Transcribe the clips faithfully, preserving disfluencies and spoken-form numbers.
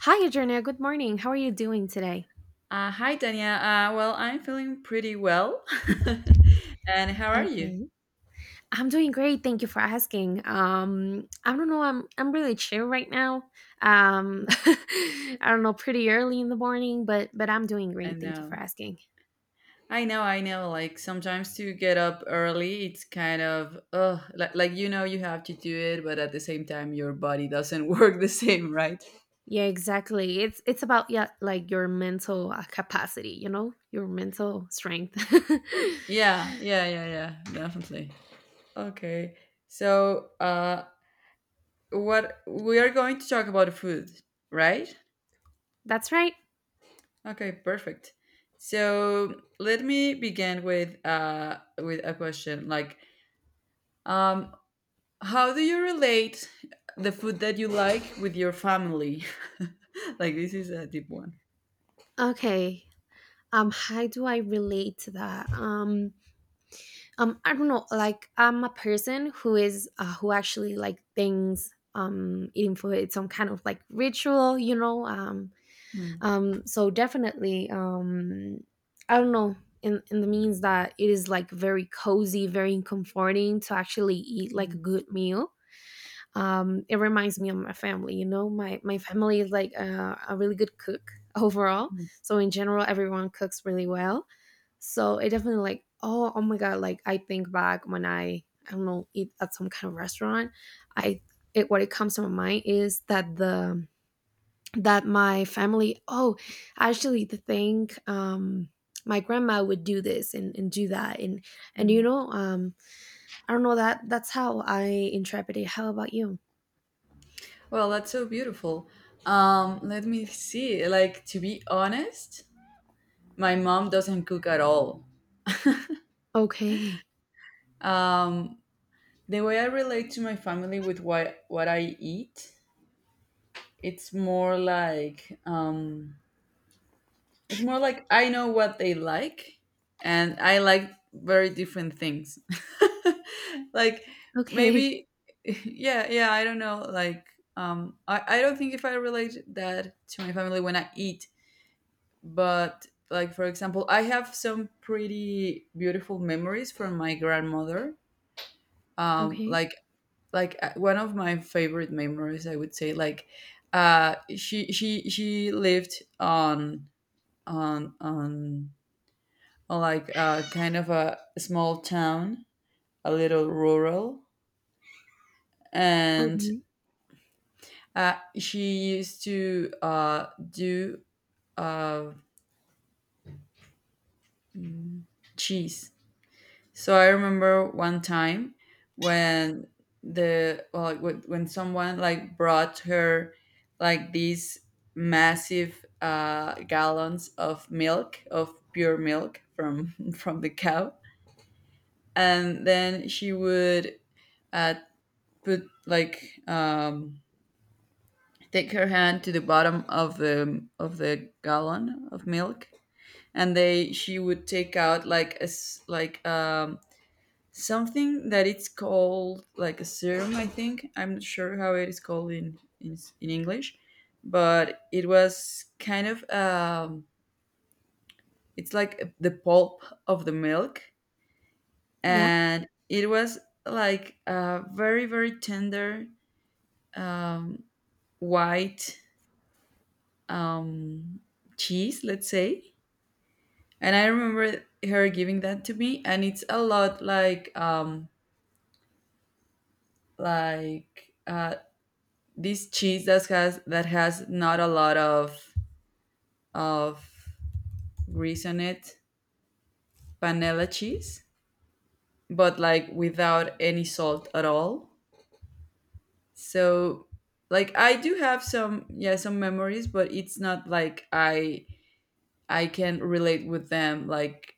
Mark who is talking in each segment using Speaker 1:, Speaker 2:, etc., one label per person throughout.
Speaker 1: Hi, Adriana. Good morning. How are you doing today?
Speaker 2: Uh, hi, Tanya. Uh, well, I'm feeling pretty well. And how are you?
Speaker 1: Okay. I'm doing great. Thank you for asking. Um, I don't know. I'm I'm really chill right now. Um, I don't know. Pretty early in the morning, but but I'm doing
Speaker 2: I
Speaker 1: great. Thank you for
Speaker 2: know.
Speaker 1: asking.
Speaker 2: I know, I know. Like sometimes to get up early, it's kind of, ugh, like, like you know you have to do it, but at the same time, your body doesn't work the same, right?
Speaker 1: Yeah, exactly. It's it's about yeah, like your mental uh, capacity. You know, your mental strength.
Speaker 2: Yeah, yeah, yeah, yeah, definitely. Okay. So, uh, what we are going to talk about food, right?
Speaker 1: That's right.
Speaker 2: Okay, perfect. So let me begin with uh with a question. Like, Um, how do you relate the food that you like with your family? Like this is a deep one.
Speaker 1: Okay. Um, how do I relate to that? Um, um I don't know, like I'm a person who is uh, who actually like thinks um eating food, it's some kind of like ritual, you know. Um
Speaker 2: Mm.
Speaker 1: um so definitely, um I don't know, in in the means that it is like very cozy, very comforting to actually eat like a
Speaker 2: Mm.
Speaker 1: good meal. Um, it reminds me of my family. You know, my my family is like a, a really good cook overall.
Speaker 2: Mm.
Speaker 1: So in general, everyone cooks really well. So it definitely like, oh oh my god! Like I think back when I I don't know, eat at some kind of restaurant, I, it, what it comes to my mind is that the, that my family, oh, actually the thing, um my grandma would do this and, and do that and and you know, um I don't know, that that's how I interpret it. How about you?
Speaker 2: Well, that's so beautiful. Um, let me see. Like to be honest, my mom doesn't cook at all.
Speaker 1: Okay.
Speaker 2: Um, the way I relate to my family with what what I eat, it's more like um, it's more like I know what they like, and I like very different things. Like
Speaker 1: Okay.
Speaker 2: maybe, yeah, yeah. I don't know. Like, um, I I don't think if I relate that to my family when I eat, but like for example, I have some pretty beautiful memories from my grandmother. Um,
Speaker 1: Okay.
Speaker 2: like like uh, one of my favorite memories, I would say, like, uh, she she she lived on on on like uh, kind of a small town, a little rural, and
Speaker 1: Okay.
Speaker 2: uh, she used to uh, do uh, mm, cheese. So I remember one time when the well, like when when someone like brought her like these massive uh, gallons of milk of pure milk from from the cow, and then she would uh, put like um, take her hand to the bottom of the of the gallon of milk, and they she would take out like a s- like um, something that it's called like a serum. I think I'm not sure how it is called in in, in English, but it was kind of um, it's like the pulp of the milk,
Speaker 1: Yeah.
Speaker 2: and it was like a very very tender um, white um, cheese, let's say. And I remember her giving that to me, and it's a lot like um, like uh, this cheese that has that has not a lot of of grease on it, panela cheese, but like without any salt at all. So like I do have some yeah some memories, but it's not like I I can relate with them like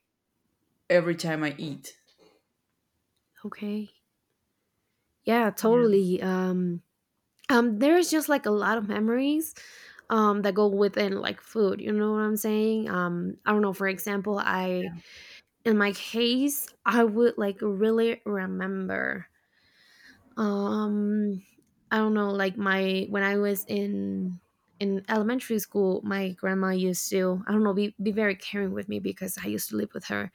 Speaker 2: every time I eat.
Speaker 1: Okay. Yeah,
Speaker 2: Yeah.
Speaker 1: totally. Um um there's just like a lot of memories um that go within like food, you know what I'm saying? Um I don't know, for example, I, in my case, I would like really remember, um I don't know, like my, when I was in in elementary school, my grandma used to, I don't know, be, be very caring with me because I used to live with her.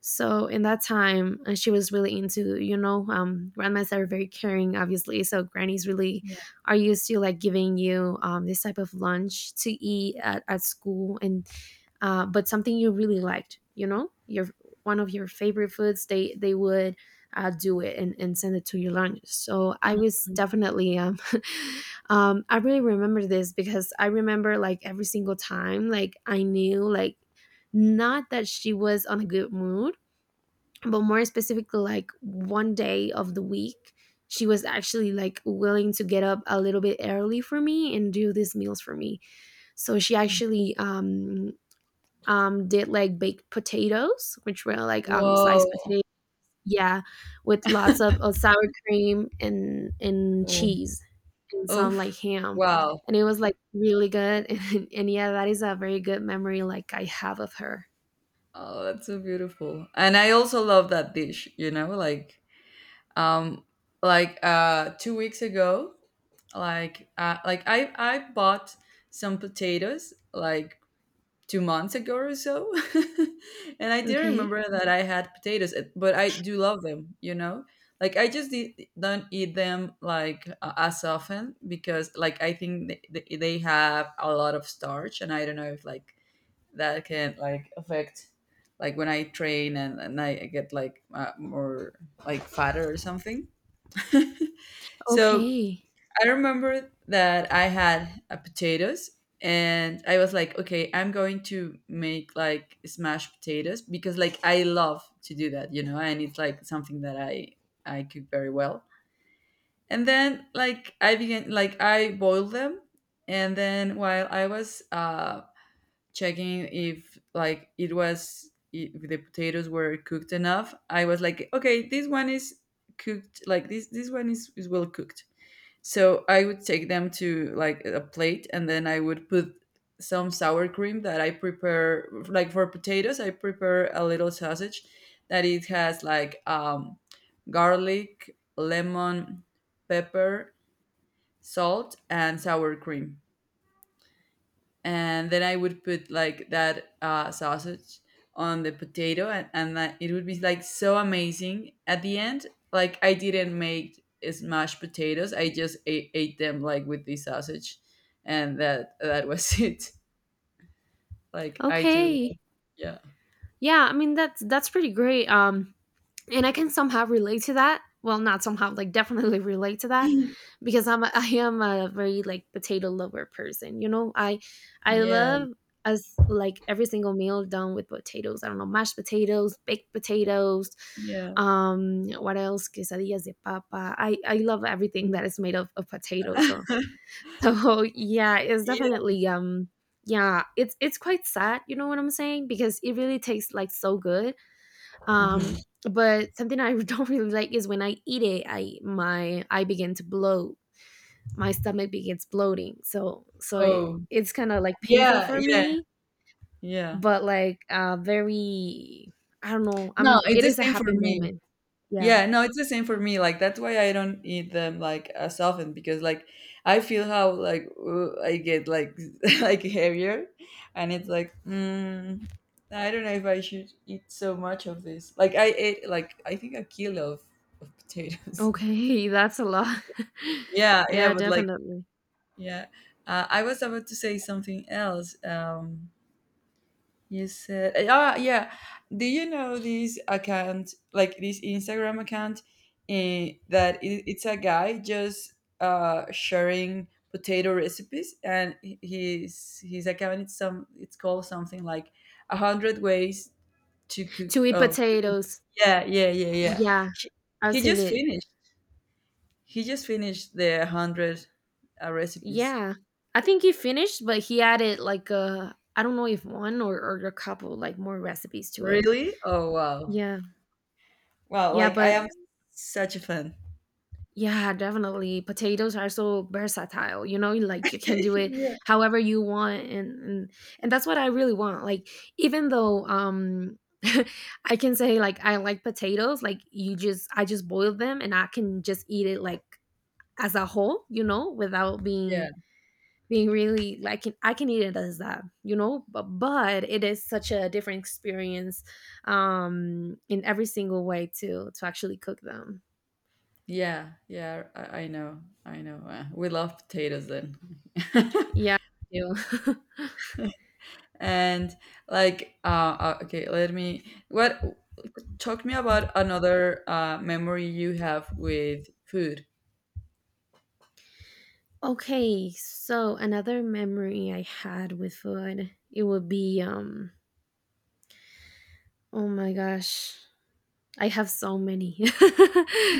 Speaker 1: So in that time, uh, she was really into, you know, um, grandmas are very caring, obviously. So grannies really
Speaker 2: Yeah.
Speaker 1: are used to like giving you um, this type of lunch to eat at, at school, and uh, but something you really liked, you know, your one of your favorite foods. They they would uh, do it and, and send it to your lunch. So I was definitely, um, um, I really remember this because I remember like every single time, like I knew, like not that she was on a good mood, but more specifically like one day of the week she was actually like willing to get up a little bit early for me and do these meals for me. So she actually um um did like baked potatoes, which were like um
Speaker 2: Whoa.
Speaker 1: sliced potatoes. Yeah, with lots of, of sour cream and and
Speaker 2: Oh,
Speaker 1: cheese and some like
Speaker 2: oof.
Speaker 1: ham,
Speaker 2: Wow.
Speaker 1: and it was like really good. and, and yeah, that is a very good memory like I have of her.
Speaker 2: Oh, that's so beautiful. And I also love that dish, you know, like um like uh two weeks ago, like uh, like I I bought some potatoes like two months ago or so. And I didn't
Speaker 1: Okay.
Speaker 2: remember that I had potatoes, eh, but I do love them, you know? Like I just de- don't eat them like uh, as often because like I think they, they they have a lot of starch, and I don't know if like that can like affect like when I train, and, and I get like uh, more like fatter or something. So
Speaker 1: Okay.
Speaker 2: I remember that I had a potatoes, and I was like, okay, I'm going to make like smashed potatoes because like I love to do that, you know, and it's like something that I I cook very well. And then like I began, like I boiled them, and then while I was uh checking if like it was if the potatoes were cooked enough, I was like, okay, this one is cooked like this this one is, is well cooked, so I would take them to like a plate, and then I would put some sour cream that I prepare, like for potatoes I prepare a little sausage that it has like um, garlic, lemon, pepper, salt and sour cream, and then I would put like that uh, sausage on the potato, and, and that it would be like so amazing. At the end, like I didn't make smashed potatoes; I just ate, ate them like with the sausage, and that that was it. Like I do,
Speaker 1: Okay.
Speaker 2: yeah,
Speaker 1: Yeah, I mean that's that's pretty great. Um and I can somehow relate to that. Well, not somehow, like definitely relate to that because I'm a, I am a very like potato lover person. You know, I I
Speaker 2: yeah,
Speaker 1: love as like every single meal done with potatoes. I don't know, mashed potatoes, baked potatoes,
Speaker 2: yeah,
Speaker 1: um what else? Quesadillas de papa. I I love everything that is made of, of potatoes. So so yeah, it's
Speaker 2: yeah.
Speaker 1: definitely um yeah, it's it's quite sad, you know what I'm saying? Because it really tastes like so good. Um
Speaker 2: Mhm.
Speaker 1: but something I don't really like is when I eat it, I, my, I begin to bloat. My stomach begins bloating. So so it,
Speaker 2: Oh,
Speaker 1: it's kind of like painful
Speaker 2: yeah,
Speaker 1: for
Speaker 2: yeah,
Speaker 1: me,
Speaker 2: yeah.
Speaker 1: but like uh very, I don't know.
Speaker 2: No,
Speaker 1: I'm,
Speaker 2: it's
Speaker 1: it
Speaker 2: the
Speaker 1: is a
Speaker 2: same for
Speaker 1: happy
Speaker 2: me.
Speaker 1: moment. Yeah.
Speaker 2: Yeah, no, it's the same for me. Like that's why I don't eat them like as often because like I feel how like uh, I get like like heavier, and it's like mm, I don't know if I should eat so much of this. Like I ate like I think a kilo of, of potatoes.
Speaker 1: Okay, that's a lot.
Speaker 2: Yeah, yeah,
Speaker 1: Yeah,
Speaker 2: but like
Speaker 1: definitely.
Speaker 2: yeah, uh, I was about to say something else. Um, You said, eh, ah, yeah. Do you know this account, like this Instagram account, eh, that it, it's a guy just uh, sharing potato recipes, and h- his his account it's some it's called something like a hundred ways to cook
Speaker 1: To eat
Speaker 2: of cooking.
Speaker 1: potatoes.
Speaker 2: Yeah, yeah, yeah, yeah.
Speaker 1: Yeah,
Speaker 2: He,
Speaker 1: I've
Speaker 2: he
Speaker 1: seen
Speaker 2: just
Speaker 1: it.
Speaker 2: finished. He just finished the hundred uh, recipes.
Speaker 1: Yeah. I think he finished, but he added like a, I don't know if one or, or a couple like more recipes to it.
Speaker 2: Really? Oh wow!
Speaker 1: Yeah.
Speaker 2: Wow,
Speaker 1: Yeah,
Speaker 2: like I
Speaker 1: but
Speaker 2: am such a fan.
Speaker 1: yeah, definitely. Potatoes are so versatile, you know, like you can do it however you want and and, and that's what I really want. Like even though um I can say like I like potatoes, like you just, I just boil them and I can just eat it like as a whole, you know, without being,
Speaker 2: Yeah.
Speaker 1: being really, like I can eat it as that, you know, but but it is such a different experience um in every single way to to actually cook them.
Speaker 2: Yeah, yeah, I, I know, I know. Uh, we love potatoes then.
Speaker 1: Yeah. I do.
Speaker 2: And like, uh, uh, okay, let me. What? Talk to me about another uh, memory you have with food.
Speaker 1: Okay, so another memory I had with food, it would be um oh my gosh, I have so many.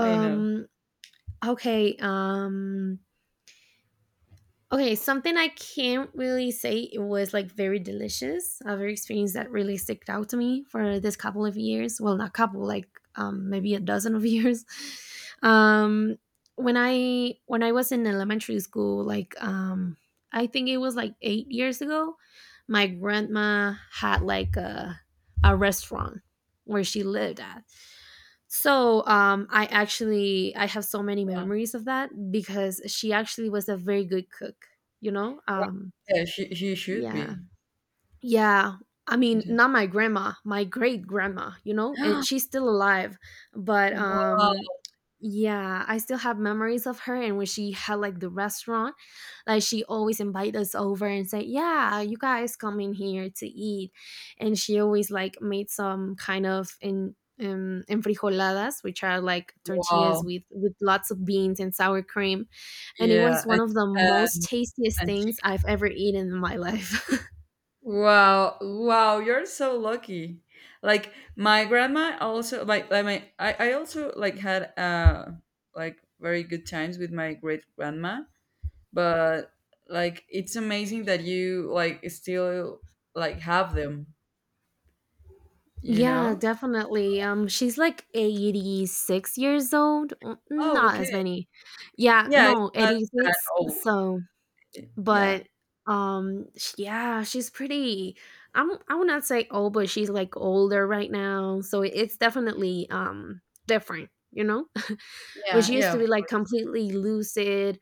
Speaker 2: I know.
Speaker 1: okay, um okay, something I can't really say it was like very delicious. Other experience that really stuck out to me for this couple of years. Well, not couple, like um, maybe a dozen of years. Um, when I when I was in elementary school, like um, I think it was like eight years ago, my grandma had like a a restaurant where she lived at. So um, I actually, I have so many
Speaker 2: Uh,
Speaker 1: memories of that because she actually was a very good cook. You know, um,
Speaker 2: yeah, she she should
Speaker 1: yeah,
Speaker 2: be.
Speaker 1: yeah. I
Speaker 2: She
Speaker 1: mean,
Speaker 2: did.
Speaker 1: not my grandma, my great grandma, you know, and she's still alive. But um
Speaker 2: Wow!
Speaker 1: yeah, I still have memories of her and when she had like the restaurant, like she always invite us over and say, "Yeah, you guys come in here to eat." And she always like made some kind of in, um, enfrijoladas, which are like tortillas
Speaker 2: Wow!
Speaker 1: with with lots of beans and sour cream, and it
Speaker 2: Yeah,
Speaker 1: was
Speaker 2: and
Speaker 1: one of the most
Speaker 2: and
Speaker 1: tastiest
Speaker 2: and
Speaker 1: things I've ever eaten in my life.
Speaker 2: wow, wow, you're so lucky. Like my grandma also like like my I, I also like had uh like very good times with my great grandma, but like it's amazing that you like still like have them, you
Speaker 1: Yeah,
Speaker 2: know?
Speaker 1: definitely. Um, she's like eighty-six years old. Mm,
Speaker 2: Oh,
Speaker 1: not
Speaker 2: okay.
Speaker 1: as many. Yeah,
Speaker 2: Yeah, it's
Speaker 1: no,
Speaker 2: not that
Speaker 1: eighty-six.
Speaker 2: old.
Speaker 1: So,
Speaker 2: Yeah.
Speaker 1: but um, sh- yeah, she's pretty. I'm, I would not say old, but she's like older right now. So it- it's definitely um different. You know, when
Speaker 2: Yeah,
Speaker 1: she used to be
Speaker 2: yeah.
Speaker 1: like completely lucid,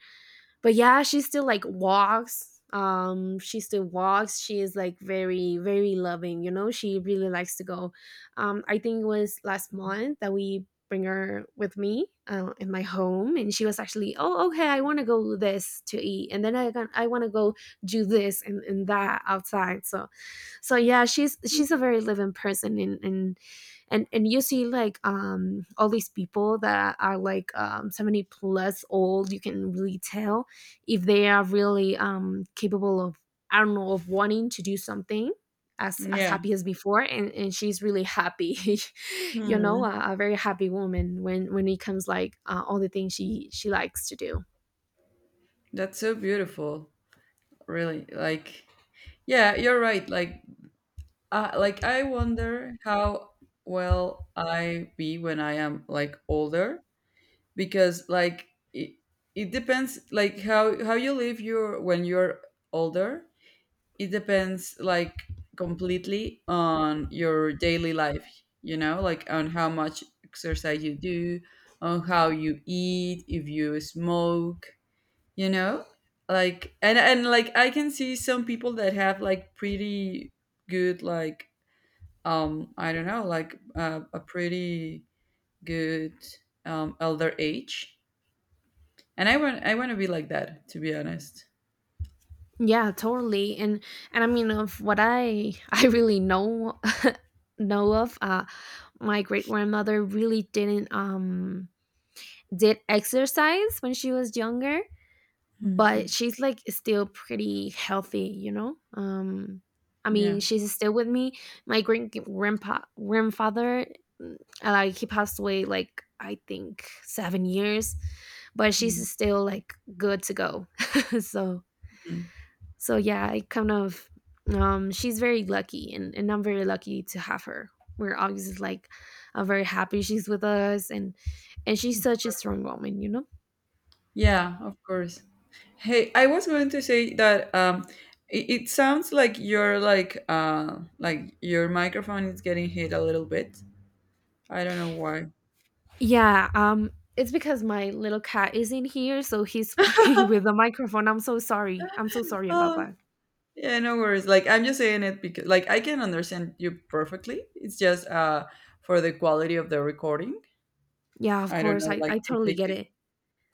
Speaker 1: but yeah, she still like walks, um she still walks, she is like very very loving, you know. She really likes to go, um I think it was last month that we bring her with me uh, in my home, and she was actually, oh okay, I want to go this to eat, and then I gon-, I want to go do this and, and that outside. So so yeah, she's she's a very living person and and and, and you see like um all these people that are like um seventy plus old, you can really tell if they are really um, capable of, I don't know, of wanting to do something as as
Speaker 2: Yeah.
Speaker 1: happy as before and, and she's really happy. You know,
Speaker 2: Hmm.
Speaker 1: a, a very happy woman when when it comes like uh, all the things she she likes to do.
Speaker 2: That's so beautiful, really. Like yeah, you're right. Like Uh, like I wonder how well I be when I am like older because like it, it depends like how how you live your when you're older, it depends like completely on your daily life, you know, like on how much exercise you do, on how you eat, if you smoke, you know, like and and like I can see some people that have like pretty good like um I don't know, like uh, a pretty good um elder age, and i want i want to be like that to be honest.
Speaker 1: Yeah, totally, and and I mean, of what I I really know know of, uh my great grandmother really didn't um did exercise when she was younger, but
Speaker 2: Mhm.
Speaker 1: she's like still pretty healthy, you know. Um, I mean,
Speaker 2: Yeah.
Speaker 1: she's still with me. My great grandpa grandfather, mm, uh, like he passed away like I think seven years, but
Speaker 2: Mm.
Speaker 1: she's still like good to go. So
Speaker 2: Mhm.
Speaker 1: so yeah, I kind of um she's very lucky and, and I'm very lucky to have her. We're obviously like uh, very happy she's with us, and and she's such a strong woman, you know?
Speaker 2: Yeah, of course. Hey, I was going to say that um it, it sounds like you're like uh like your microphone is getting hit a little bit, I don't know why.
Speaker 1: Yeah, um, it's because my little cat is in here, so he's playing with the microphone. I'm so sorry. I'm so sorry about
Speaker 2: Oh,
Speaker 1: that.
Speaker 2: yeah, no worries. Like I'm just saying it because like I can understand you perfectly. It's just uh for the quality of the recording.
Speaker 1: Yeah, of
Speaker 2: I don't
Speaker 1: course.
Speaker 2: know,
Speaker 1: I,
Speaker 2: like
Speaker 1: I
Speaker 2: if they
Speaker 1: totally get
Speaker 2: could
Speaker 1: it.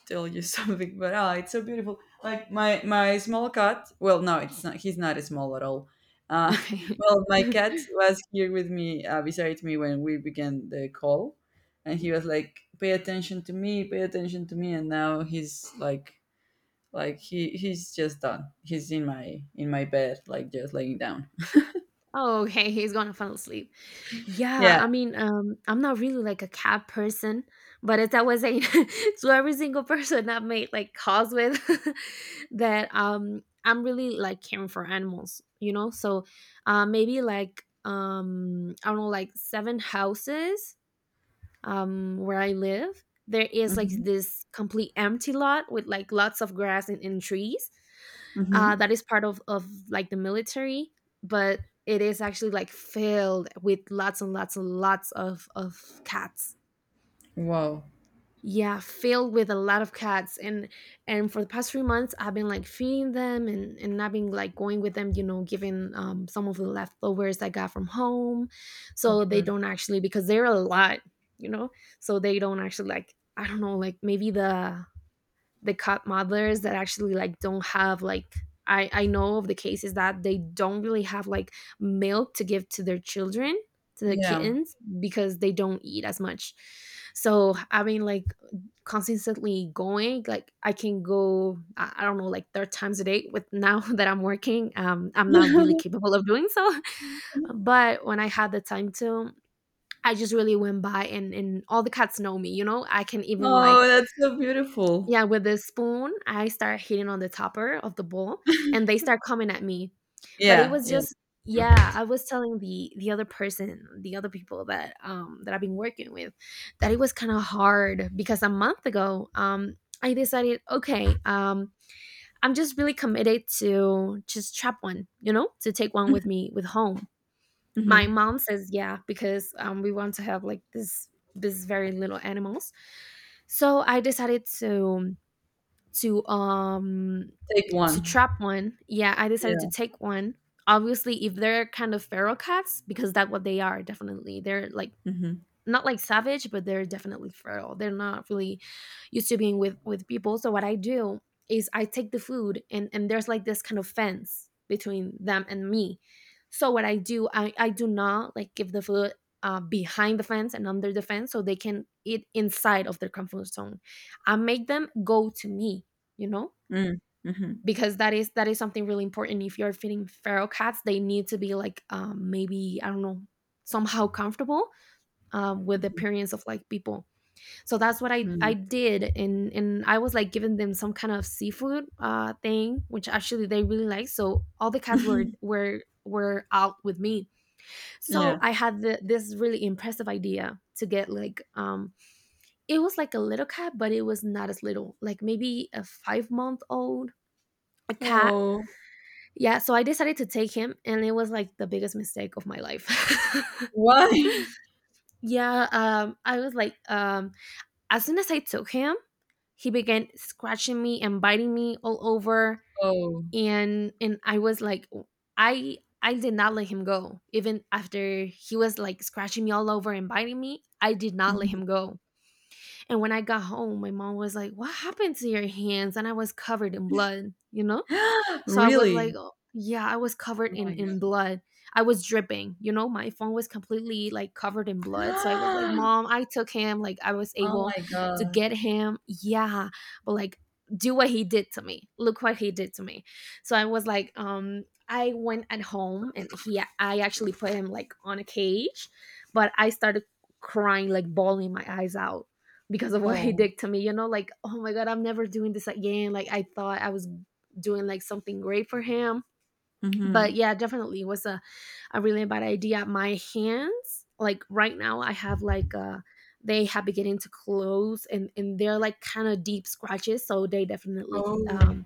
Speaker 2: tell you something, but ah, it's so beautiful. Like my my small cat. Well, no, it's not. He's not small at all. Uh,
Speaker 1: Okay.
Speaker 2: well, my cat was here with me, uh, beside me when we began the call, and he was like, "Pay attention to me, pay attention to me," and now he's like, like he he's just done. He's in my in my bed, like just laying down.
Speaker 1: Oh, okay. He's gonna fall asleep. Yeah,
Speaker 2: Yeah.
Speaker 1: I mean, um, I'm not really like a cat person, but as I was saying to every single person I've made like calls with, that um I'm really like caring for animals, you know? So uh maybe like um I don't know, like seven houses um, where I live, there is like
Speaker 2: Hmm.
Speaker 1: this complete empty lot with like lots of grass and, and trees. Uh,
Speaker 2: Hmm.
Speaker 1: that is part of, of like the military, but it is actually like filled with lots and lots and lots of, of cats.
Speaker 2: Wow.
Speaker 1: Yeah, filled with a lot of cats, and and for the past three months I've been like feeding them, and and I've been like going with them, you know, giving um some of the leftovers I got from home,
Speaker 2: Of
Speaker 1: so they
Speaker 2: course.
Speaker 1: don't actually, because they're a lot, you know. So they don't actually, like, I don't know, like maybe the the cat modelers that actually like don't have like, I, I know of the cases that they don't really have like milk to give to their children, to the
Speaker 2: Yeah.
Speaker 1: kittens, because they don't eat as much. So having like consistently going, like I can go, i I don't know, like third times a day with now that I'm working, um I'm not really capable of doing so. But when I had the time to, I just really went by, and and all the cats know me, you know, I can even
Speaker 2: Oh,
Speaker 1: like,
Speaker 2: that's so beautiful.
Speaker 1: yeah, with the spoon, I start hitting on the topper of the bowl, and they start coming at me. But it
Speaker 2: Yeah.
Speaker 1: was
Speaker 2: Yeah.
Speaker 1: just, yeah, I was telling the the other person, the other people that um that I've been working with, that it was kind of hard because a month ago, um I decided, okay, um I'm just really committed to just trap one, you know, to take one with me with home. My
Speaker 2: Mhm.
Speaker 1: mom says yeah, because um we want to have like this this very little animals. So I decided to, to um
Speaker 2: Take
Speaker 1: to
Speaker 2: one.
Speaker 1: trap one. Yeah, I decided to
Speaker 2: Yeah.
Speaker 1: take one. Obviously if they're kind of feral cats, because that's what they are, definitely. They're like
Speaker 2: Mhm.
Speaker 1: not like savage, but they're definitely feral. They're not really used to being with with people. So what I do is I take the food, and and there's like this kind of fence between them and me. So what I do, I I do not like give the food uh, behind the fence and under the fence, so they can eat inside of their comfort zone. I make them go to me, you know,
Speaker 2: Mm. Mhm.
Speaker 1: because that is that is something really important. If you're feeding feral cats, they need to be like um, maybe I don't know, somehow comfortable, um, with the appearance of like people. So that's what I I
Speaker 2: Mm.
Speaker 1: did, and and I was like giving them some kind of seafood uh thing, which actually they really liked. So all the cats were were were out with me. So
Speaker 2: Yeah.
Speaker 1: I had the, this really impressive idea to get like, um it was like a little cat, but it was not as little, like maybe a five month old a cat.
Speaker 2: Oh,
Speaker 1: Yeah, so I decided to take him, and it was like the biggest mistake of my life.
Speaker 2: why?
Speaker 1: Yeah, um, I was like, um, as soon as I took him, he began scratching me and biting me all over.
Speaker 2: Oh.
Speaker 1: And and I was like, I I did not let him go. Even after he was like scratching me all over and biting me, I did not let
Speaker 2: Mhm.
Speaker 1: him go. And when I got home, my mom was like, "What happened to your hands?" And I was covered in blood, you know? So I was
Speaker 2: Really?
Speaker 1: like, oh yeah, I was covered
Speaker 2: Oh my
Speaker 1: in in
Speaker 2: god.
Speaker 1: blood. I was dripping. You know, my phone was completely like covered in blood. So I was like, "Mom, I took him. Like I was
Speaker 2: Oh
Speaker 1: able
Speaker 2: my
Speaker 1: to
Speaker 2: god.
Speaker 1: get him." Yeah, but like, do what he did to me. Look what he did to me. So I was like, um I went at home, and he, I actually put him like on a cage, but I started crying, like bawling my eyes out because of what he
Speaker 2: Oh.
Speaker 1: did to me, you know, like, oh my god, I'm never doing this again. Like I thought I was doing like something great for him. But
Speaker 2: Mhm.
Speaker 1: yeah, definitely was a, a really bad idea. My hands, like right now, I have like uh they have beginning to close, and and they're like kind of deep scratches, so they definitely
Speaker 2: Oh.
Speaker 1: um,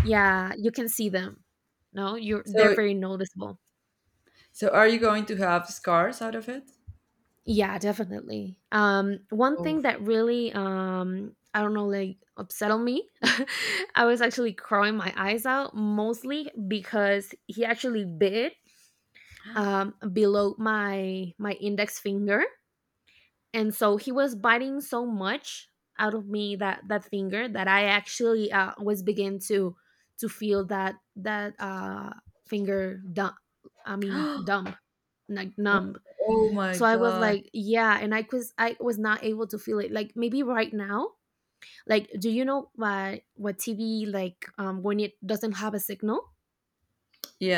Speaker 1: yeah, you can see them. No, you're they're
Speaker 2: So
Speaker 1: very noticeable.
Speaker 2: so are you going to have scars out of it?
Speaker 1: Yeah, definitely. Um, one
Speaker 2: Oh.
Speaker 1: thing that really, um, I don't know, like upset on me, I was actually crying my eyes out mostly because he actually bit um, below my my index finger, and so he was biting so much out of me that that finger, that I actually uh, was begin to to feel that that uh, finger dumb. I mean
Speaker 2: Oh
Speaker 1: dumb, like numb.
Speaker 2: oh my
Speaker 1: So I was
Speaker 2: god.
Speaker 1: like, yeah, and I was, I was not able to feel it. Like maybe right now, like do you know what what T V like um, when it doesn't have a signal,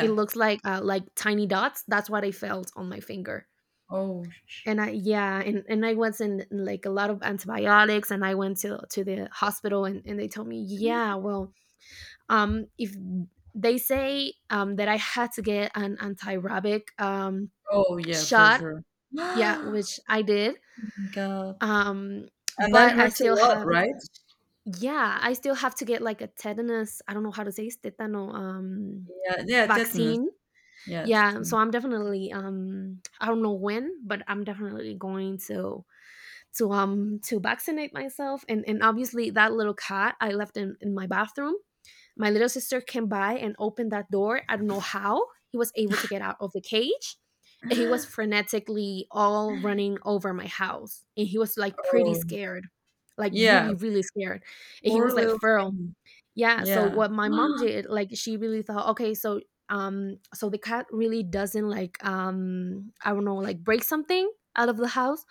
Speaker 1: it looks like uh, like tiny dots. That's what I felt on my finger.
Speaker 2: Oh. sh-
Speaker 1: And I Yeah, and, and I was in like a lot of antibiotics, and I went to to the hospital, and, and they told me, yeah, well, um if they say um that I had to get an anti-rabic um
Speaker 2: Oh yeah, for
Speaker 1: shot.
Speaker 2: sure.
Speaker 1: Yeah, which I did.
Speaker 2: God.
Speaker 1: Um,
Speaker 2: And that
Speaker 1: but I
Speaker 2: hurts a
Speaker 1: still
Speaker 2: lot,
Speaker 1: have,
Speaker 2: right?
Speaker 1: yeah, I still have to get like a tetanus, I don't know how to say it, tetano um,
Speaker 2: Yeah, yeah, tetanus.
Speaker 1: vaccine.
Speaker 2: Yeah. T
Speaker 1: Yeah,
Speaker 2: t
Speaker 1: so I'm definitely um, I don't know when, but I'm definitely going to to um to vaccinate myself. and and obviously that little cat I left in, in my bathroom, my little sister came by and opened that door. I don't know how he was able to get out of the cage, and he was frenetically all running over my house, and he was like pretty
Speaker 2: Oh,
Speaker 1: scared, like
Speaker 2: yeah.
Speaker 1: really really scared, and he
Speaker 2: Poor
Speaker 1: was like
Speaker 2: little
Speaker 1: feral.
Speaker 2: thing.
Speaker 1: Yeah, so
Speaker 2: Yeah.
Speaker 1: what my mom did, like she really thought, okay, so, um so the cat really doesn't like, um, I don't know, like break something out of the house,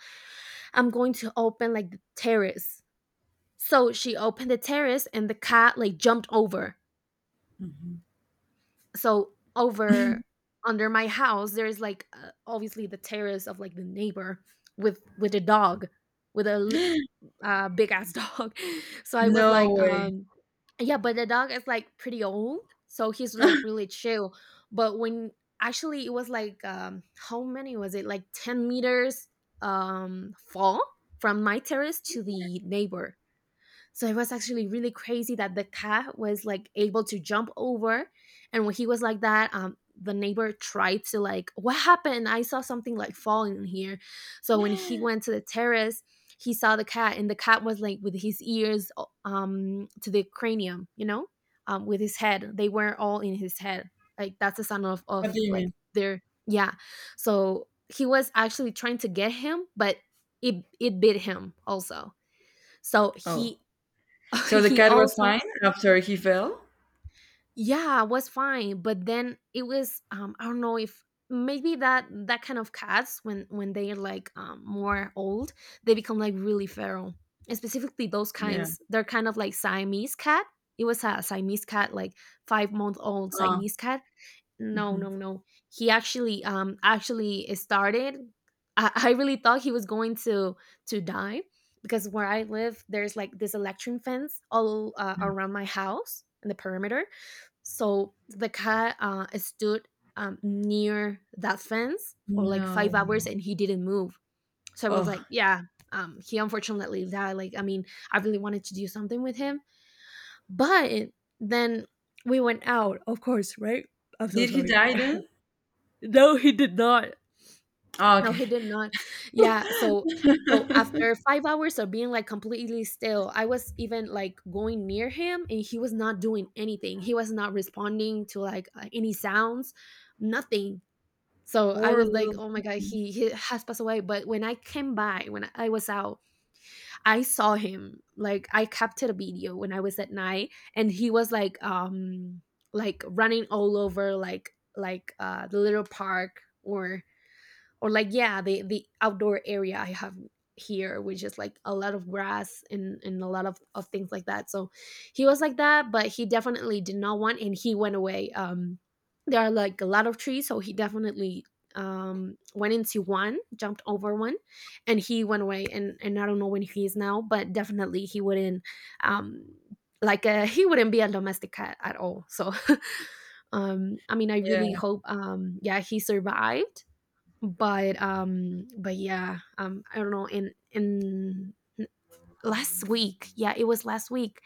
Speaker 1: I'm going to open like the terrace. So she opened the terrace and the cat like jumped over.
Speaker 2: Mhm.
Speaker 1: So over, under my house there is like uh, obviously the terrace of like the neighbor, with with a dog, with a l- uh, big ass dog. So I was
Speaker 2: No
Speaker 1: like
Speaker 2: way.
Speaker 1: um, yeah, but the dog is like pretty old, so he's like really chill. But when, actually it was like um, how many was it? Like ten meters um fall from my terrace to the neighbor. So it was actually really crazy that the cat was like able to jump over. And when he was like that, um, the neighbor tried to like, what happened? I saw something like falling in here. So when he went to the terrace, he saw the cat, and the cat was like with his ears um to the cranium, you know, um with his head. They were all in his head. Like that's the sound of
Speaker 2: What
Speaker 1: of
Speaker 2: do you
Speaker 1: like
Speaker 2: mean?
Speaker 1: their, yeah. So he was actually trying to get him, but it it bit him also. So
Speaker 2: Oh.
Speaker 1: he,
Speaker 2: So the
Speaker 1: he
Speaker 2: cat was
Speaker 1: also,
Speaker 2: fine after he fell?
Speaker 1: yeah, was fine. But then it was um, I don't know if maybe that that kind of cats when when they're like um, more old, they become like really feral. And specifically those
Speaker 2: Yeah.
Speaker 1: kinds, they're kind of like Siamese cat. It was a Siamese cat, like five month old
Speaker 2: Oh.
Speaker 1: Siamese cat. No, no,
Speaker 2: Mhm.
Speaker 1: no. He actually um, actually started. I, I really thought he was going to to die, because where I live, there's like this electric fence all uh,
Speaker 2: Mm.
Speaker 1: around my house in the perimeter. So the cat uh, stood um, near that fence for like
Speaker 2: No
Speaker 1: five hours,
Speaker 2: way.
Speaker 1: and he didn't move. So I was
Speaker 2: Oh.
Speaker 1: like, yeah, um, he unfortunately died. Like, I mean, I really wanted to do something with him, but then we went out, of course, right? I'm so
Speaker 2: Did he
Speaker 1: sorry.
Speaker 2: die then?
Speaker 1: No, he did not.
Speaker 2: Oh,
Speaker 1: No,
Speaker 2: okay.
Speaker 1: he did not. Yeah, so so after five hours of being like completely still, I was even like going near him, and he was not doing anything. He was not responding to like, uh, any sounds, nothing. So I
Speaker 2: Poor
Speaker 1: was like,
Speaker 2: little
Speaker 1: "Oh my god,
Speaker 2: thing.
Speaker 1: he he has passed away." But when I came by, when I was out, I saw him. Like, I captured a video when I was at night, and he was like, um, like running all over, like like, uh, the little park where, or like, yeah, the the outdoor area I have here, which is like a lot of grass and and a lot of, of things like that. So he was like that, but he definitely did not want, and he went away um, there are like a lot of trees, so he definitely um, went into one, jumped over one, and he went away. and and I don't know when he is now, but definitely he wouldn't um, like uh, he wouldn't be a domestic cat at all. So um, I mean I really
Speaker 2: Yeah.
Speaker 1: hope um, yeah, he survived. But, um, but yeah, um, I don't know, in in last week, yeah, it was last week,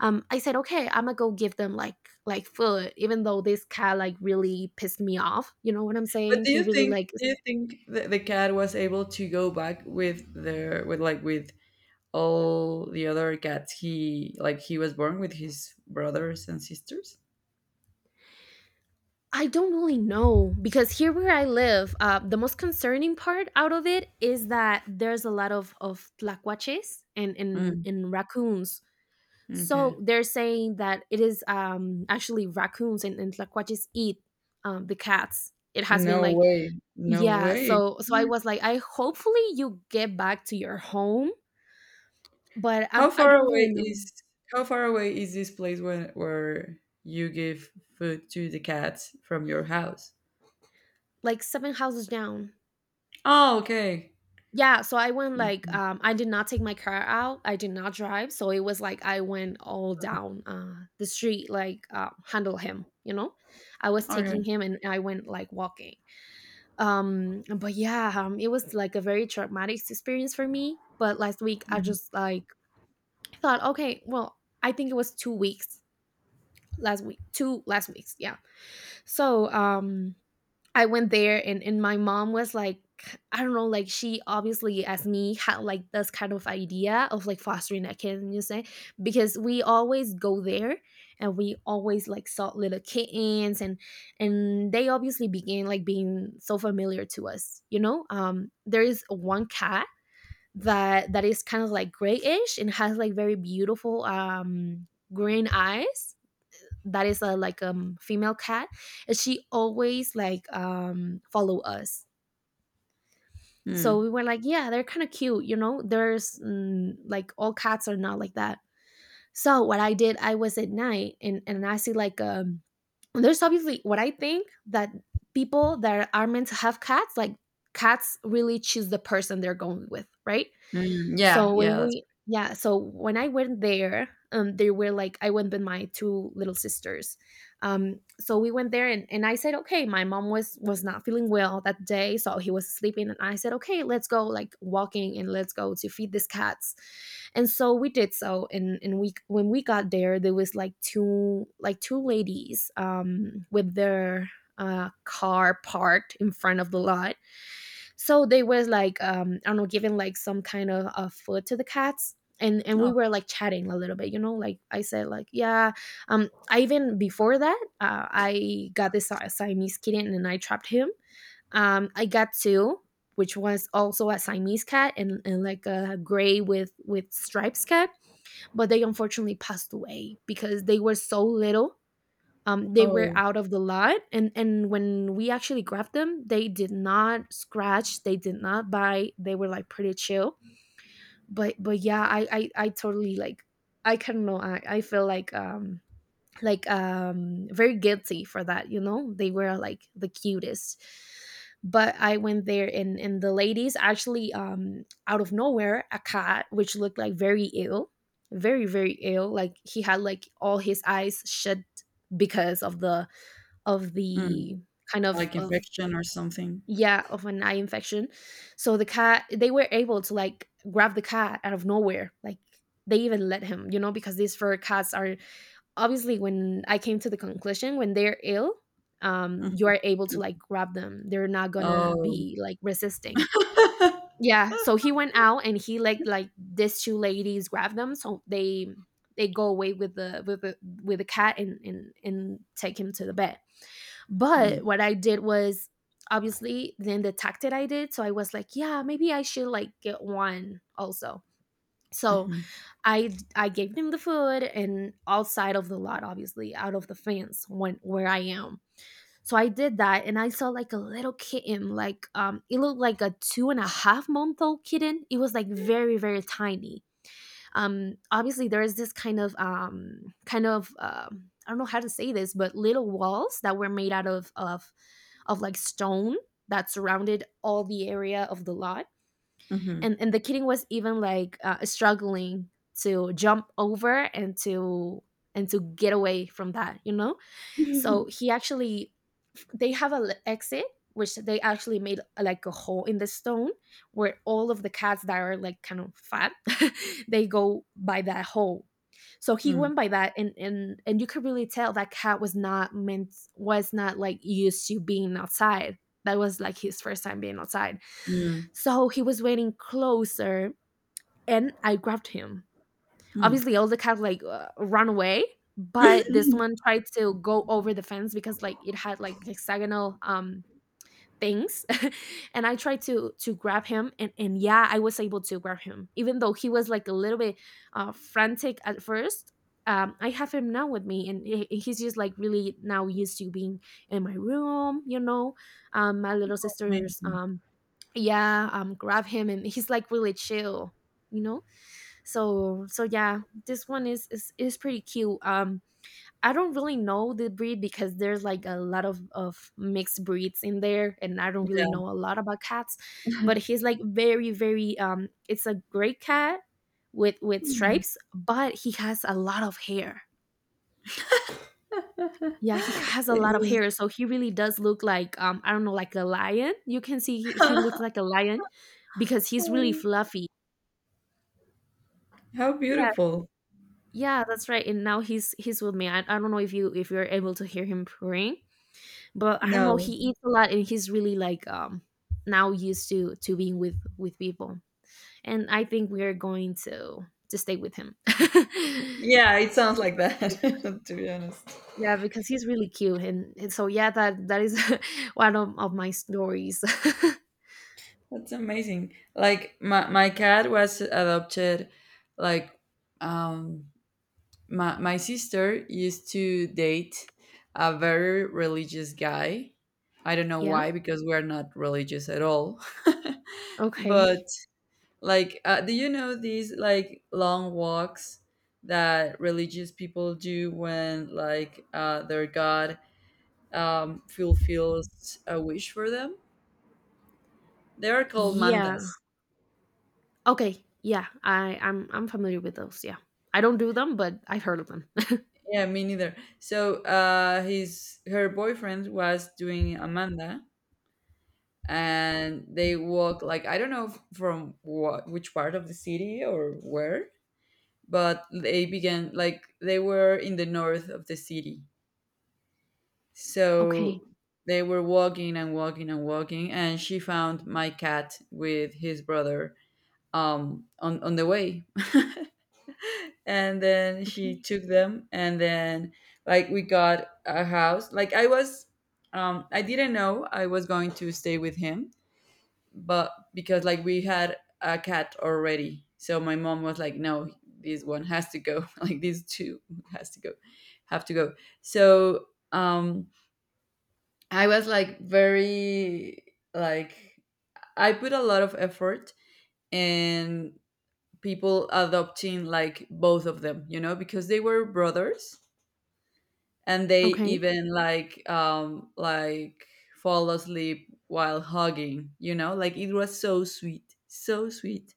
Speaker 1: um, I said, "Okay, Imma go give them like like, food," even though this cat like really pissed me off, you know what I'm
Speaker 2: But
Speaker 1: saying?
Speaker 2: do
Speaker 1: He
Speaker 2: you
Speaker 1: really,
Speaker 2: think
Speaker 1: like,
Speaker 2: do you think the the cat was able to go back with their with, like, with all the other cats he like he was born with his brothers and sisters.
Speaker 1: I don't really know, because here where I live, uh, the most concerning part out of it is that there's a lot of of tlacuaches and and
Speaker 2: Mm,
Speaker 1: and raccoons.
Speaker 2: okay.
Speaker 1: So they're saying that it is um, actually raccoons and, and tlacuaches eat um, the cats. It has been
Speaker 2: No
Speaker 1: like,
Speaker 2: way, no
Speaker 1: yeah.
Speaker 2: way.
Speaker 1: So so
Speaker 2: Yeah.
Speaker 1: I was like, I hopefully you get back to your home, but I'm,
Speaker 2: how
Speaker 1: I
Speaker 2: far
Speaker 1: don't really
Speaker 2: away
Speaker 1: know.
Speaker 2: is how far away is this place when where you give food to the cats from your house?
Speaker 1: Like seven houses down.
Speaker 2: Oh okay.
Speaker 1: Yeah. So I went like,
Speaker 2: Mhm.
Speaker 1: um, I did not take my car out. I did not drive. So it was like I went all down uh, the street, like uh, handle him. You know, I was
Speaker 2: Okay.
Speaker 1: taking him and I went like walking. Um but yeah um it was like a very traumatic experience for me. But last week I
Speaker 2: Mhm.
Speaker 1: just like thought, okay, well, I think it was two weeks. Last week, two last weeks, yeah. So um I went there, and and my mom was like, I don't know, like she obviously as me had like this kind of idea of like fostering a kitten, you say, because we always go there, and we always like saw little kittens, and and they obviously began like being so familiar to us, you know. Um, there is one cat that that is kind of like grayish and has like very beautiful um green eyes, that is a like um female cat, and she always like um follow us. So
Speaker 2: Mm.
Speaker 1: we were like, yeah, they're kind of cute, you know. There's mm, like all cats are not like that. So what I did, I was at night, and, and I see like um there's obviously what I think that people that are meant to have cats, like cats really choose the person they're going with, right?
Speaker 2: Mm. Yeah,
Speaker 1: so
Speaker 2: yeah,
Speaker 1: when
Speaker 2: that's
Speaker 1: we Yeah, so when I went there, um, they were like, I went with my two little sisters. Um, so we went there, and and I said, okay, my mom was was not feeling well that day, so he was sleeping, and I said, okay, let's go like walking and let's go to feed these cats. And so we did so, and and we when we got there, there was like two like two ladies um with their uh car parked in front of the lot. So they was like um I don't know, giving like some kind of uh, food to the cats. And and we
Speaker 2: oh,
Speaker 1: were like chatting a little bit, you know. Like I said, like, yeah, um I even before that uh, I got this Si- siamese kitten and I trapped him. Um, I got two, which was also a siamese cat, and and like a gray with with stripes cat, but they unfortunately passed away because they were so little. Um, they were
Speaker 2: oh.
Speaker 1: out of the lot, and and when we actually grabbed them, they did not scratch, they did not bite, they were like pretty chill. But but yeah, i i, I totally like I kind of know. I, I feel like um like um very guilty for that, you know. They were like the cutest. But I went there, and and the ladies actually um out of nowhere, a cat which looked like very ill, very very ill, like he had like all his eyes shut because of the of
Speaker 2: Mm.
Speaker 1: the kind of
Speaker 2: Like
Speaker 1: of
Speaker 2: infection or something.
Speaker 1: yeah, of an eye infection. So the cat, they were able to like grab the cat out of nowhere. Like they even let him, you know, because these fur cats are obviously, when I came to the conclusion, when they're ill, um you
Speaker 2: Mhm.
Speaker 1: are able to like grab them, they're not gonna
Speaker 2: Oh.
Speaker 1: be like resisting. Yeah, so he went out, and he like like these two ladies grab them, so they they go away with the with the with the cat, and and and take him to the vet. But
Speaker 2: Mm,
Speaker 1: what I did was obviously then the tactic I did. So I was like, yeah, maybe I should like get one also. So
Speaker 2: mhm,
Speaker 1: I I gave them the food and outside of the lot, obviously, out of the fence when where I am. So I did that, and I saw like a little kitten, like um it looked like a two and a half month old kitten. It was like very, very tiny. Um, obviously there is this kind of um kind of um I don't know how to say this, but little walls that were made out of of of like stone that surrounded all the area of the lot.
Speaker 2: mhm.
Speaker 1: And and the kitten was even like uh, struggling to jump over and to and to get away from that, you know. So he actually, they have an exit, which they actually made uh, like a hole in the stone, where all of the cats that are like kind of fat, they go by that hole. So he
Speaker 2: Mm,
Speaker 1: went by that, and and and you could really tell that cat was not meant, was not like used to being outside. That was like his first time being outside.
Speaker 2: mm,
Speaker 1: So he was waiting closer, and I grabbed him.
Speaker 2: mm.
Speaker 1: Obviously, Elsa had like uh, run away, but this one tried to go over the fence because like it had like hexagonal um things, and I tried to to grab him, and and yeah, I was able to grab him, even though he was like a little bit uh, frantic at first. Um, I have him now with me, and he- he's just like really now used to being in my room, you know. Um, my little sister's
Speaker 2: Amazing.
Speaker 1: um, yeah um grab him, and he's like really chill, you know. So so yeah, this one is is, is pretty cute. Um, I don't really know the breed because there's like a lot of of mixed breeds in there, and I don't
Speaker 2: Yeah.
Speaker 1: really know a lot about cats. But he's like very very um it's a great cat with with
Speaker 2: Mm.
Speaker 1: stripes, but he has a lot of hair. Yeah, he has a
Speaker 2: It
Speaker 1: lot of
Speaker 2: is.
Speaker 1: hair, so he really does look like um I don't know, like a lion. You can see he, he looks like a lion because he's really
Speaker 2: Oh,
Speaker 1: fluffy.
Speaker 2: how
Speaker 1: Yeah,
Speaker 2: beautiful.
Speaker 1: yeah, that's right. And now he's he's with me. I, I don't know if you if you're able to hear him praying, but I don't know. He
Speaker 2: No.
Speaker 1: eats a lot, and he's really like um now used to to being with with people. And I think we are going to to stay with him.
Speaker 2: Yeah, it sounds like that, to be honest.
Speaker 1: Yeah, because he's really cute, and, and so yeah, that that is one of, of my stories.
Speaker 2: That's amazing. Like my, my cat was adopted like um my my sister used to date a very religious guy. I don't know
Speaker 1: Yeah.
Speaker 2: why because we're not religious at all.
Speaker 1: Okay.
Speaker 2: But like, uh, do you know these like long walks that religious people do when like uh, their god um, fulfills a wish for them? They are called
Speaker 1: Yeah.
Speaker 2: mandas.
Speaker 1: Okay. Yeah. I I'm I'm familiar with those. Yeah. I don't do them, but I've heard of them.
Speaker 2: Yeah, me neither. So uh, his her boyfriend was doing a manda, and they walk, like, I don't know f- from what, which part of the city or where, but they began like they were in the north of the city.
Speaker 1: Okay.
Speaker 2: So they were walking and walking and walking, and she found my cat with his brother um, on on the way. And then she
Speaker 1: Okay.
Speaker 2: took them, and then like we got a house. Like I was, um, I didn't know I was going to stay with him, but because like we had a cat already, so my mom was like, "No, this one has to go. Like these two has to go, have to go." So um I was like very, like, I put a lot of effort in people adopting like both of them, you know, because they were brothers and they
Speaker 1: Okay.
Speaker 2: even like um like fall asleep while hugging, you know? Like it was so sweet, so sweet.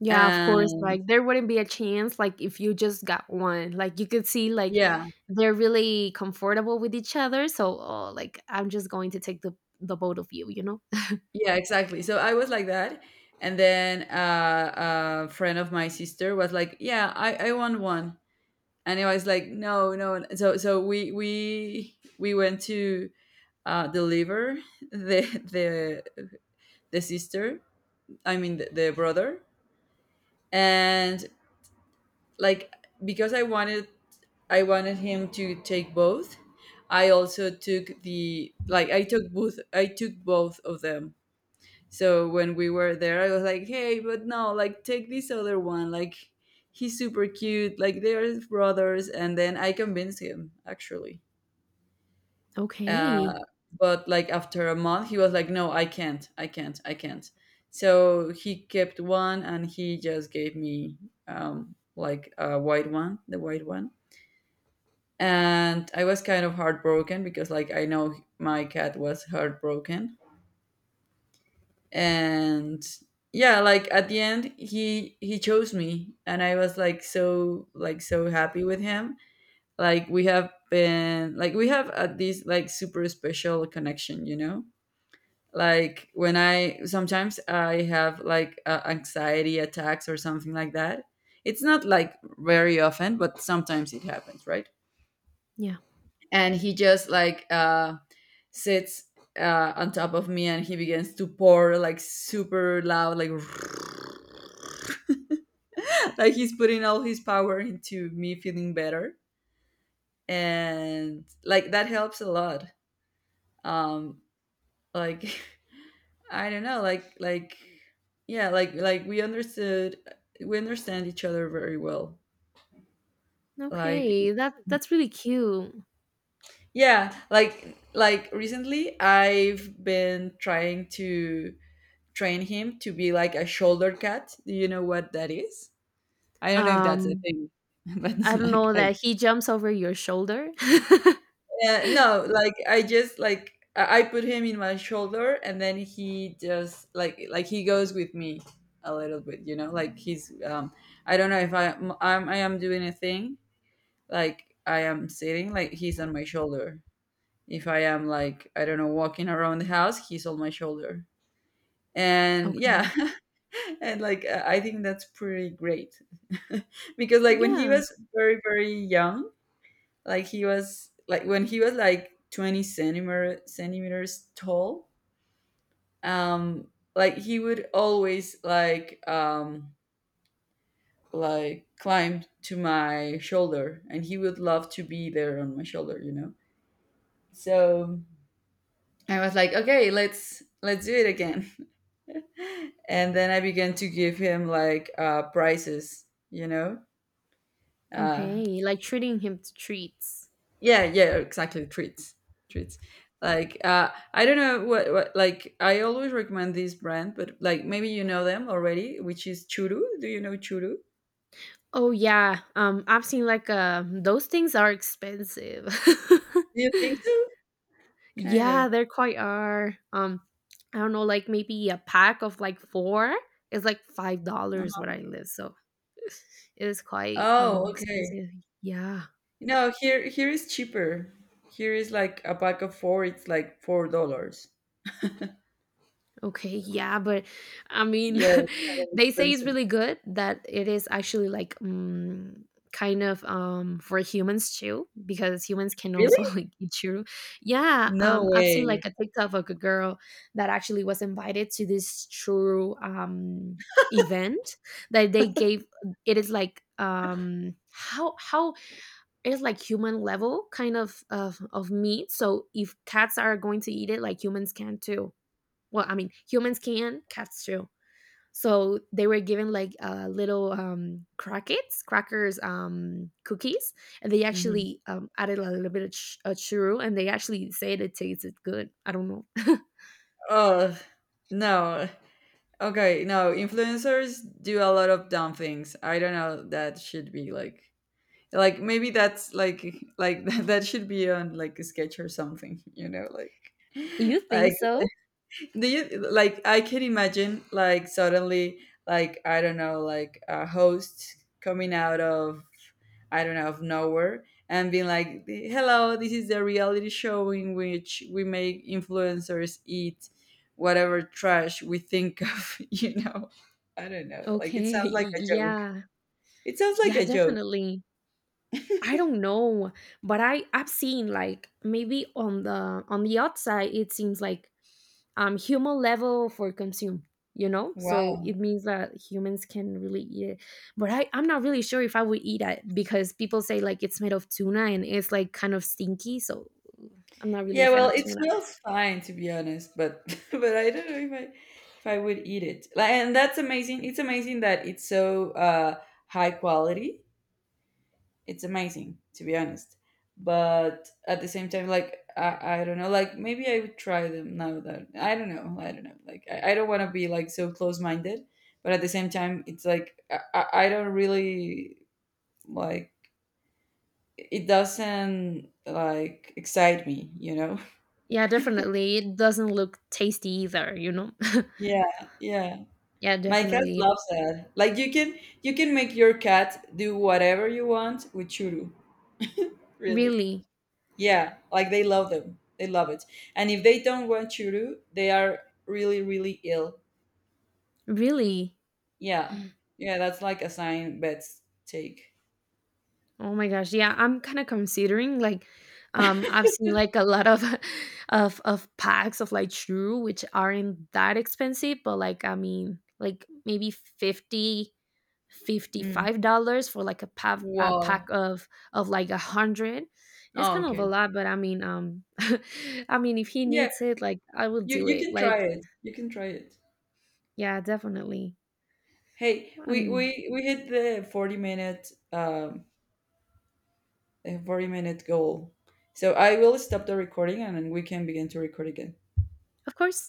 Speaker 1: Yeah, of course.
Speaker 2: And
Speaker 1: Like there wouldn't be a chance like if you just got one. Like you could see like
Speaker 2: yeah,
Speaker 1: they're really comfortable with each other. So, oh, like I'm just going to take the the both of you, you know?
Speaker 2: yeah, exactly. So I was like that. And then uh, a friend of my sister was like, "Yeah, I, I want one." And it was like no, no. And so so we we we went to uh, deliver the the the sister, i mean the, the brother. And like because i wanted I wanted him to take both. I also took the, like, i took both I took both of them. So when we were there I was like, hey, but no, like take this other one, like he's super cute, like they're brothers. And then I convinced him, actually, uh,
Speaker 1: Okay.
Speaker 2: but like after a month he was like no, i can't i can't I can't. So he kept one, and he just gave me um, like a white one, the white one. And I was kind of heartbroken because like I know my cat was heartbroken. And yeah, like at the end he he chose me, and I was like so, like, so happy with him. Like we have been, like we have uh, this like super special connection, you know. Like when I sometimes I have like uh, anxiety attacks or something like that. It's not like very often, but sometimes it happens, right?
Speaker 1: Yeah.
Speaker 2: And he just like uh sits uh, on top of me, and he begins to pour like super loud, like like he's putting all his power into me feeling better, and like that helps a lot. um like I don't know, like like yeah, like like we understood we understand each other very well. Like
Speaker 1: Okay. That that's really cute.
Speaker 2: yeah, like like recently I've been trying to train him to be like a shoulder cat. Do you know what that is? I don't know if that's a
Speaker 1: Um,
Speaker 2: thing, but
Speaker 1: I don't
Speaker 2: like
Speaker 1: know
Speaker 2: I,
Speaker 1: that he jumps over your shoulder.
Speaker 2: yeah, no, like I just like I I put him in my shoulder, and then he just like like he goes with me a little bit, you know? Like he's um I don't know if I am I'm, I am doing a thing, like I am sitting, like he's on my shoulder. If I am like, I don't know, walking around the house, he's on my shoulder. And yeah,
Speaker 1: Okay.
Speaker 2: and like I I think that's pretty great. Because like when he
Speaker 1: Yeah.
Speaker 2: was very, very young, like he was like, when he was like twenty centimeter centimeters tall. Um, like he would always like um like climb to my shoulder, and he would love to be there on my shoulder, you know. So I was like, okay, let's let's do it again. And then I began to give him like uh prizes, you know. uh
Speaker 1: Okay. Like treating him to treats.
Speaker 2: yeah, yeah, exactly. Treats, treats, like uh I don't know what, what like I always recommend this brand, but like maybe you know them already, which is churu. Do you know churu?
Speaker 1: Oh yeah. Um, I've seen like um those things are expensive.
Speaker 2: Do you think so? Kind
Speaker 1: Yeah,
Speaker 2: of.
Speaker 1: there quite are. Um, I don't know, like maybe a pack of like four is like five dollars where I live, so it is quite um
Speaker 2: Oh, okay.
Speaker 1: expensive. Yeah.
Speaker 2: No, here here is cheaper. Here is like a pack of four, it's like four dollars.
Speaker 1: Okay, yeah, but I mean,
Speaker 2: Yeah, it's kind of
Speaker 1: they say it's
Speaker 2: expensive.
Speaker 1: really good, that it is actually like um, kind of um for humans too, because humans can
Speaker 2: Really.
Speaker 1: also like eat your. Yeah,
Speaker 2: No
Speaker 1: um, I've seen like
Speaker 2: way.
Speaker 1: a TikTok of a girl that actually was invited to this true um event that they gave. It is like um how how it's like human level kind of of of meat. So if cats are going to eat it, like humans can too. Well, I mean, humans can, cats too. So they were given like uh, little um, crackets, crackers, um, cookies, and they
Speaker 2: Mhm.
Speaker 1: actually um, added a little bit of ch- uh, churro, and they actually said it tasted good. I don't know.
Speaker 2: Oh, no. Okay, no, influencers do a lot of dumb things. I don't know, that should be like like maybe that's like like that should be on like a sketch or something, you know, like
Speaker 1: You think
Speaker 2: like
Speaker 1: so?
Speaker 2: do you, like, I can imagine like suddenly, like I don't know, like a host coming out of, I don't know, of nowhere and being like, hello, this is the reality show in which we make influencers eat whatever trash we think of. You know, I don't know, like it
Speaker 1: Okay.
Speaker 2: sounds like a joke.
Speaker 1: Yeah.
Speaker 2: It sounds like
Speaker 1: Yeah,
Speaker 2: a joke.
Speaker 1: definitely. I don't know, but I I've seen like maybe on the on the outside it seems like um human level for consume, you know, so it means that humans can really eat it. But I, I'm not really sure if I would eat it because people say like it's made of tuna, and it's like kind of stinky, so I'm not really a
Speaker 2: Yeah,
Speaker 1: fan
Speaker 2: well,
Speaker 1: of
Speaker 2: it
Speaker 1: tuna.
Speaker 2: smells fine to be honest, but but I don't know if I if I would eat it. Like, and that's amazing. It's amazing that it's so uh, high quality. It's amazing to be honest. But at the same time, like I, I don't know, like maybe I would try them now that I don't know, I don't know. Like I, I don't want to be like so close minded, but at the same time, it's like I, I I don't really like, it doesn't like excite me, you know?
Speaker 1: Yeah, definitely it doesn't look tasty either, you know.
Speaker 2: Yeah, yeah.
Speaker 1: Yeah,
Speaker 2: My cat
Speaker 1: definitely.
Speaker 2: loves that. Like you can, you can make your cat do whatever you want with churu. Really.
Speaker 1: Really.
Speaker 2: Yeah, like they love them. They love it. And if they don't want churu, they are really, really ill.
Speaker 1: Really.
Speaker 2: Yeah. Yeah, that's like a sign vets take.
Speaker 1: Oh my gosh, yeah, I'm kinda considering, like, um, I've seen, like, a lot of of of packs of, like, shrew, which aren't that expensive, but, like, I mean, like, maybe fifty, fifty
Speaker 2: Mm.
Speaker 1: five dollars for, like, a pack a pack
Speaker 2: Well,
Speaker 1: of of, like, a hundred. It's
Speaker 2: oh,
Speaker 1: kind of a
Speaker 2: okay.
Speaker 1: lot, but I mean, um, I mean, if he
Speaker 2: Yeah,
Speaker 1: needs it, like, I will
Speaker 2: you
Speaker 1: do
Speaker 2: you
Speaker 1: it,
Speaker 2: can
Speaker 1: like
Speaker 2: try it. You can try it.
Speaker 1: yeah, definitely.
Speaker 2: Hey,
Speaker 1: I
Speaker 2: we
Speaker 1: mean,
Speaker 2: we we hit the forty minute um uh, forty minute goal. So I will stop the recording and then we can begin to record again.
Speaker 1: of course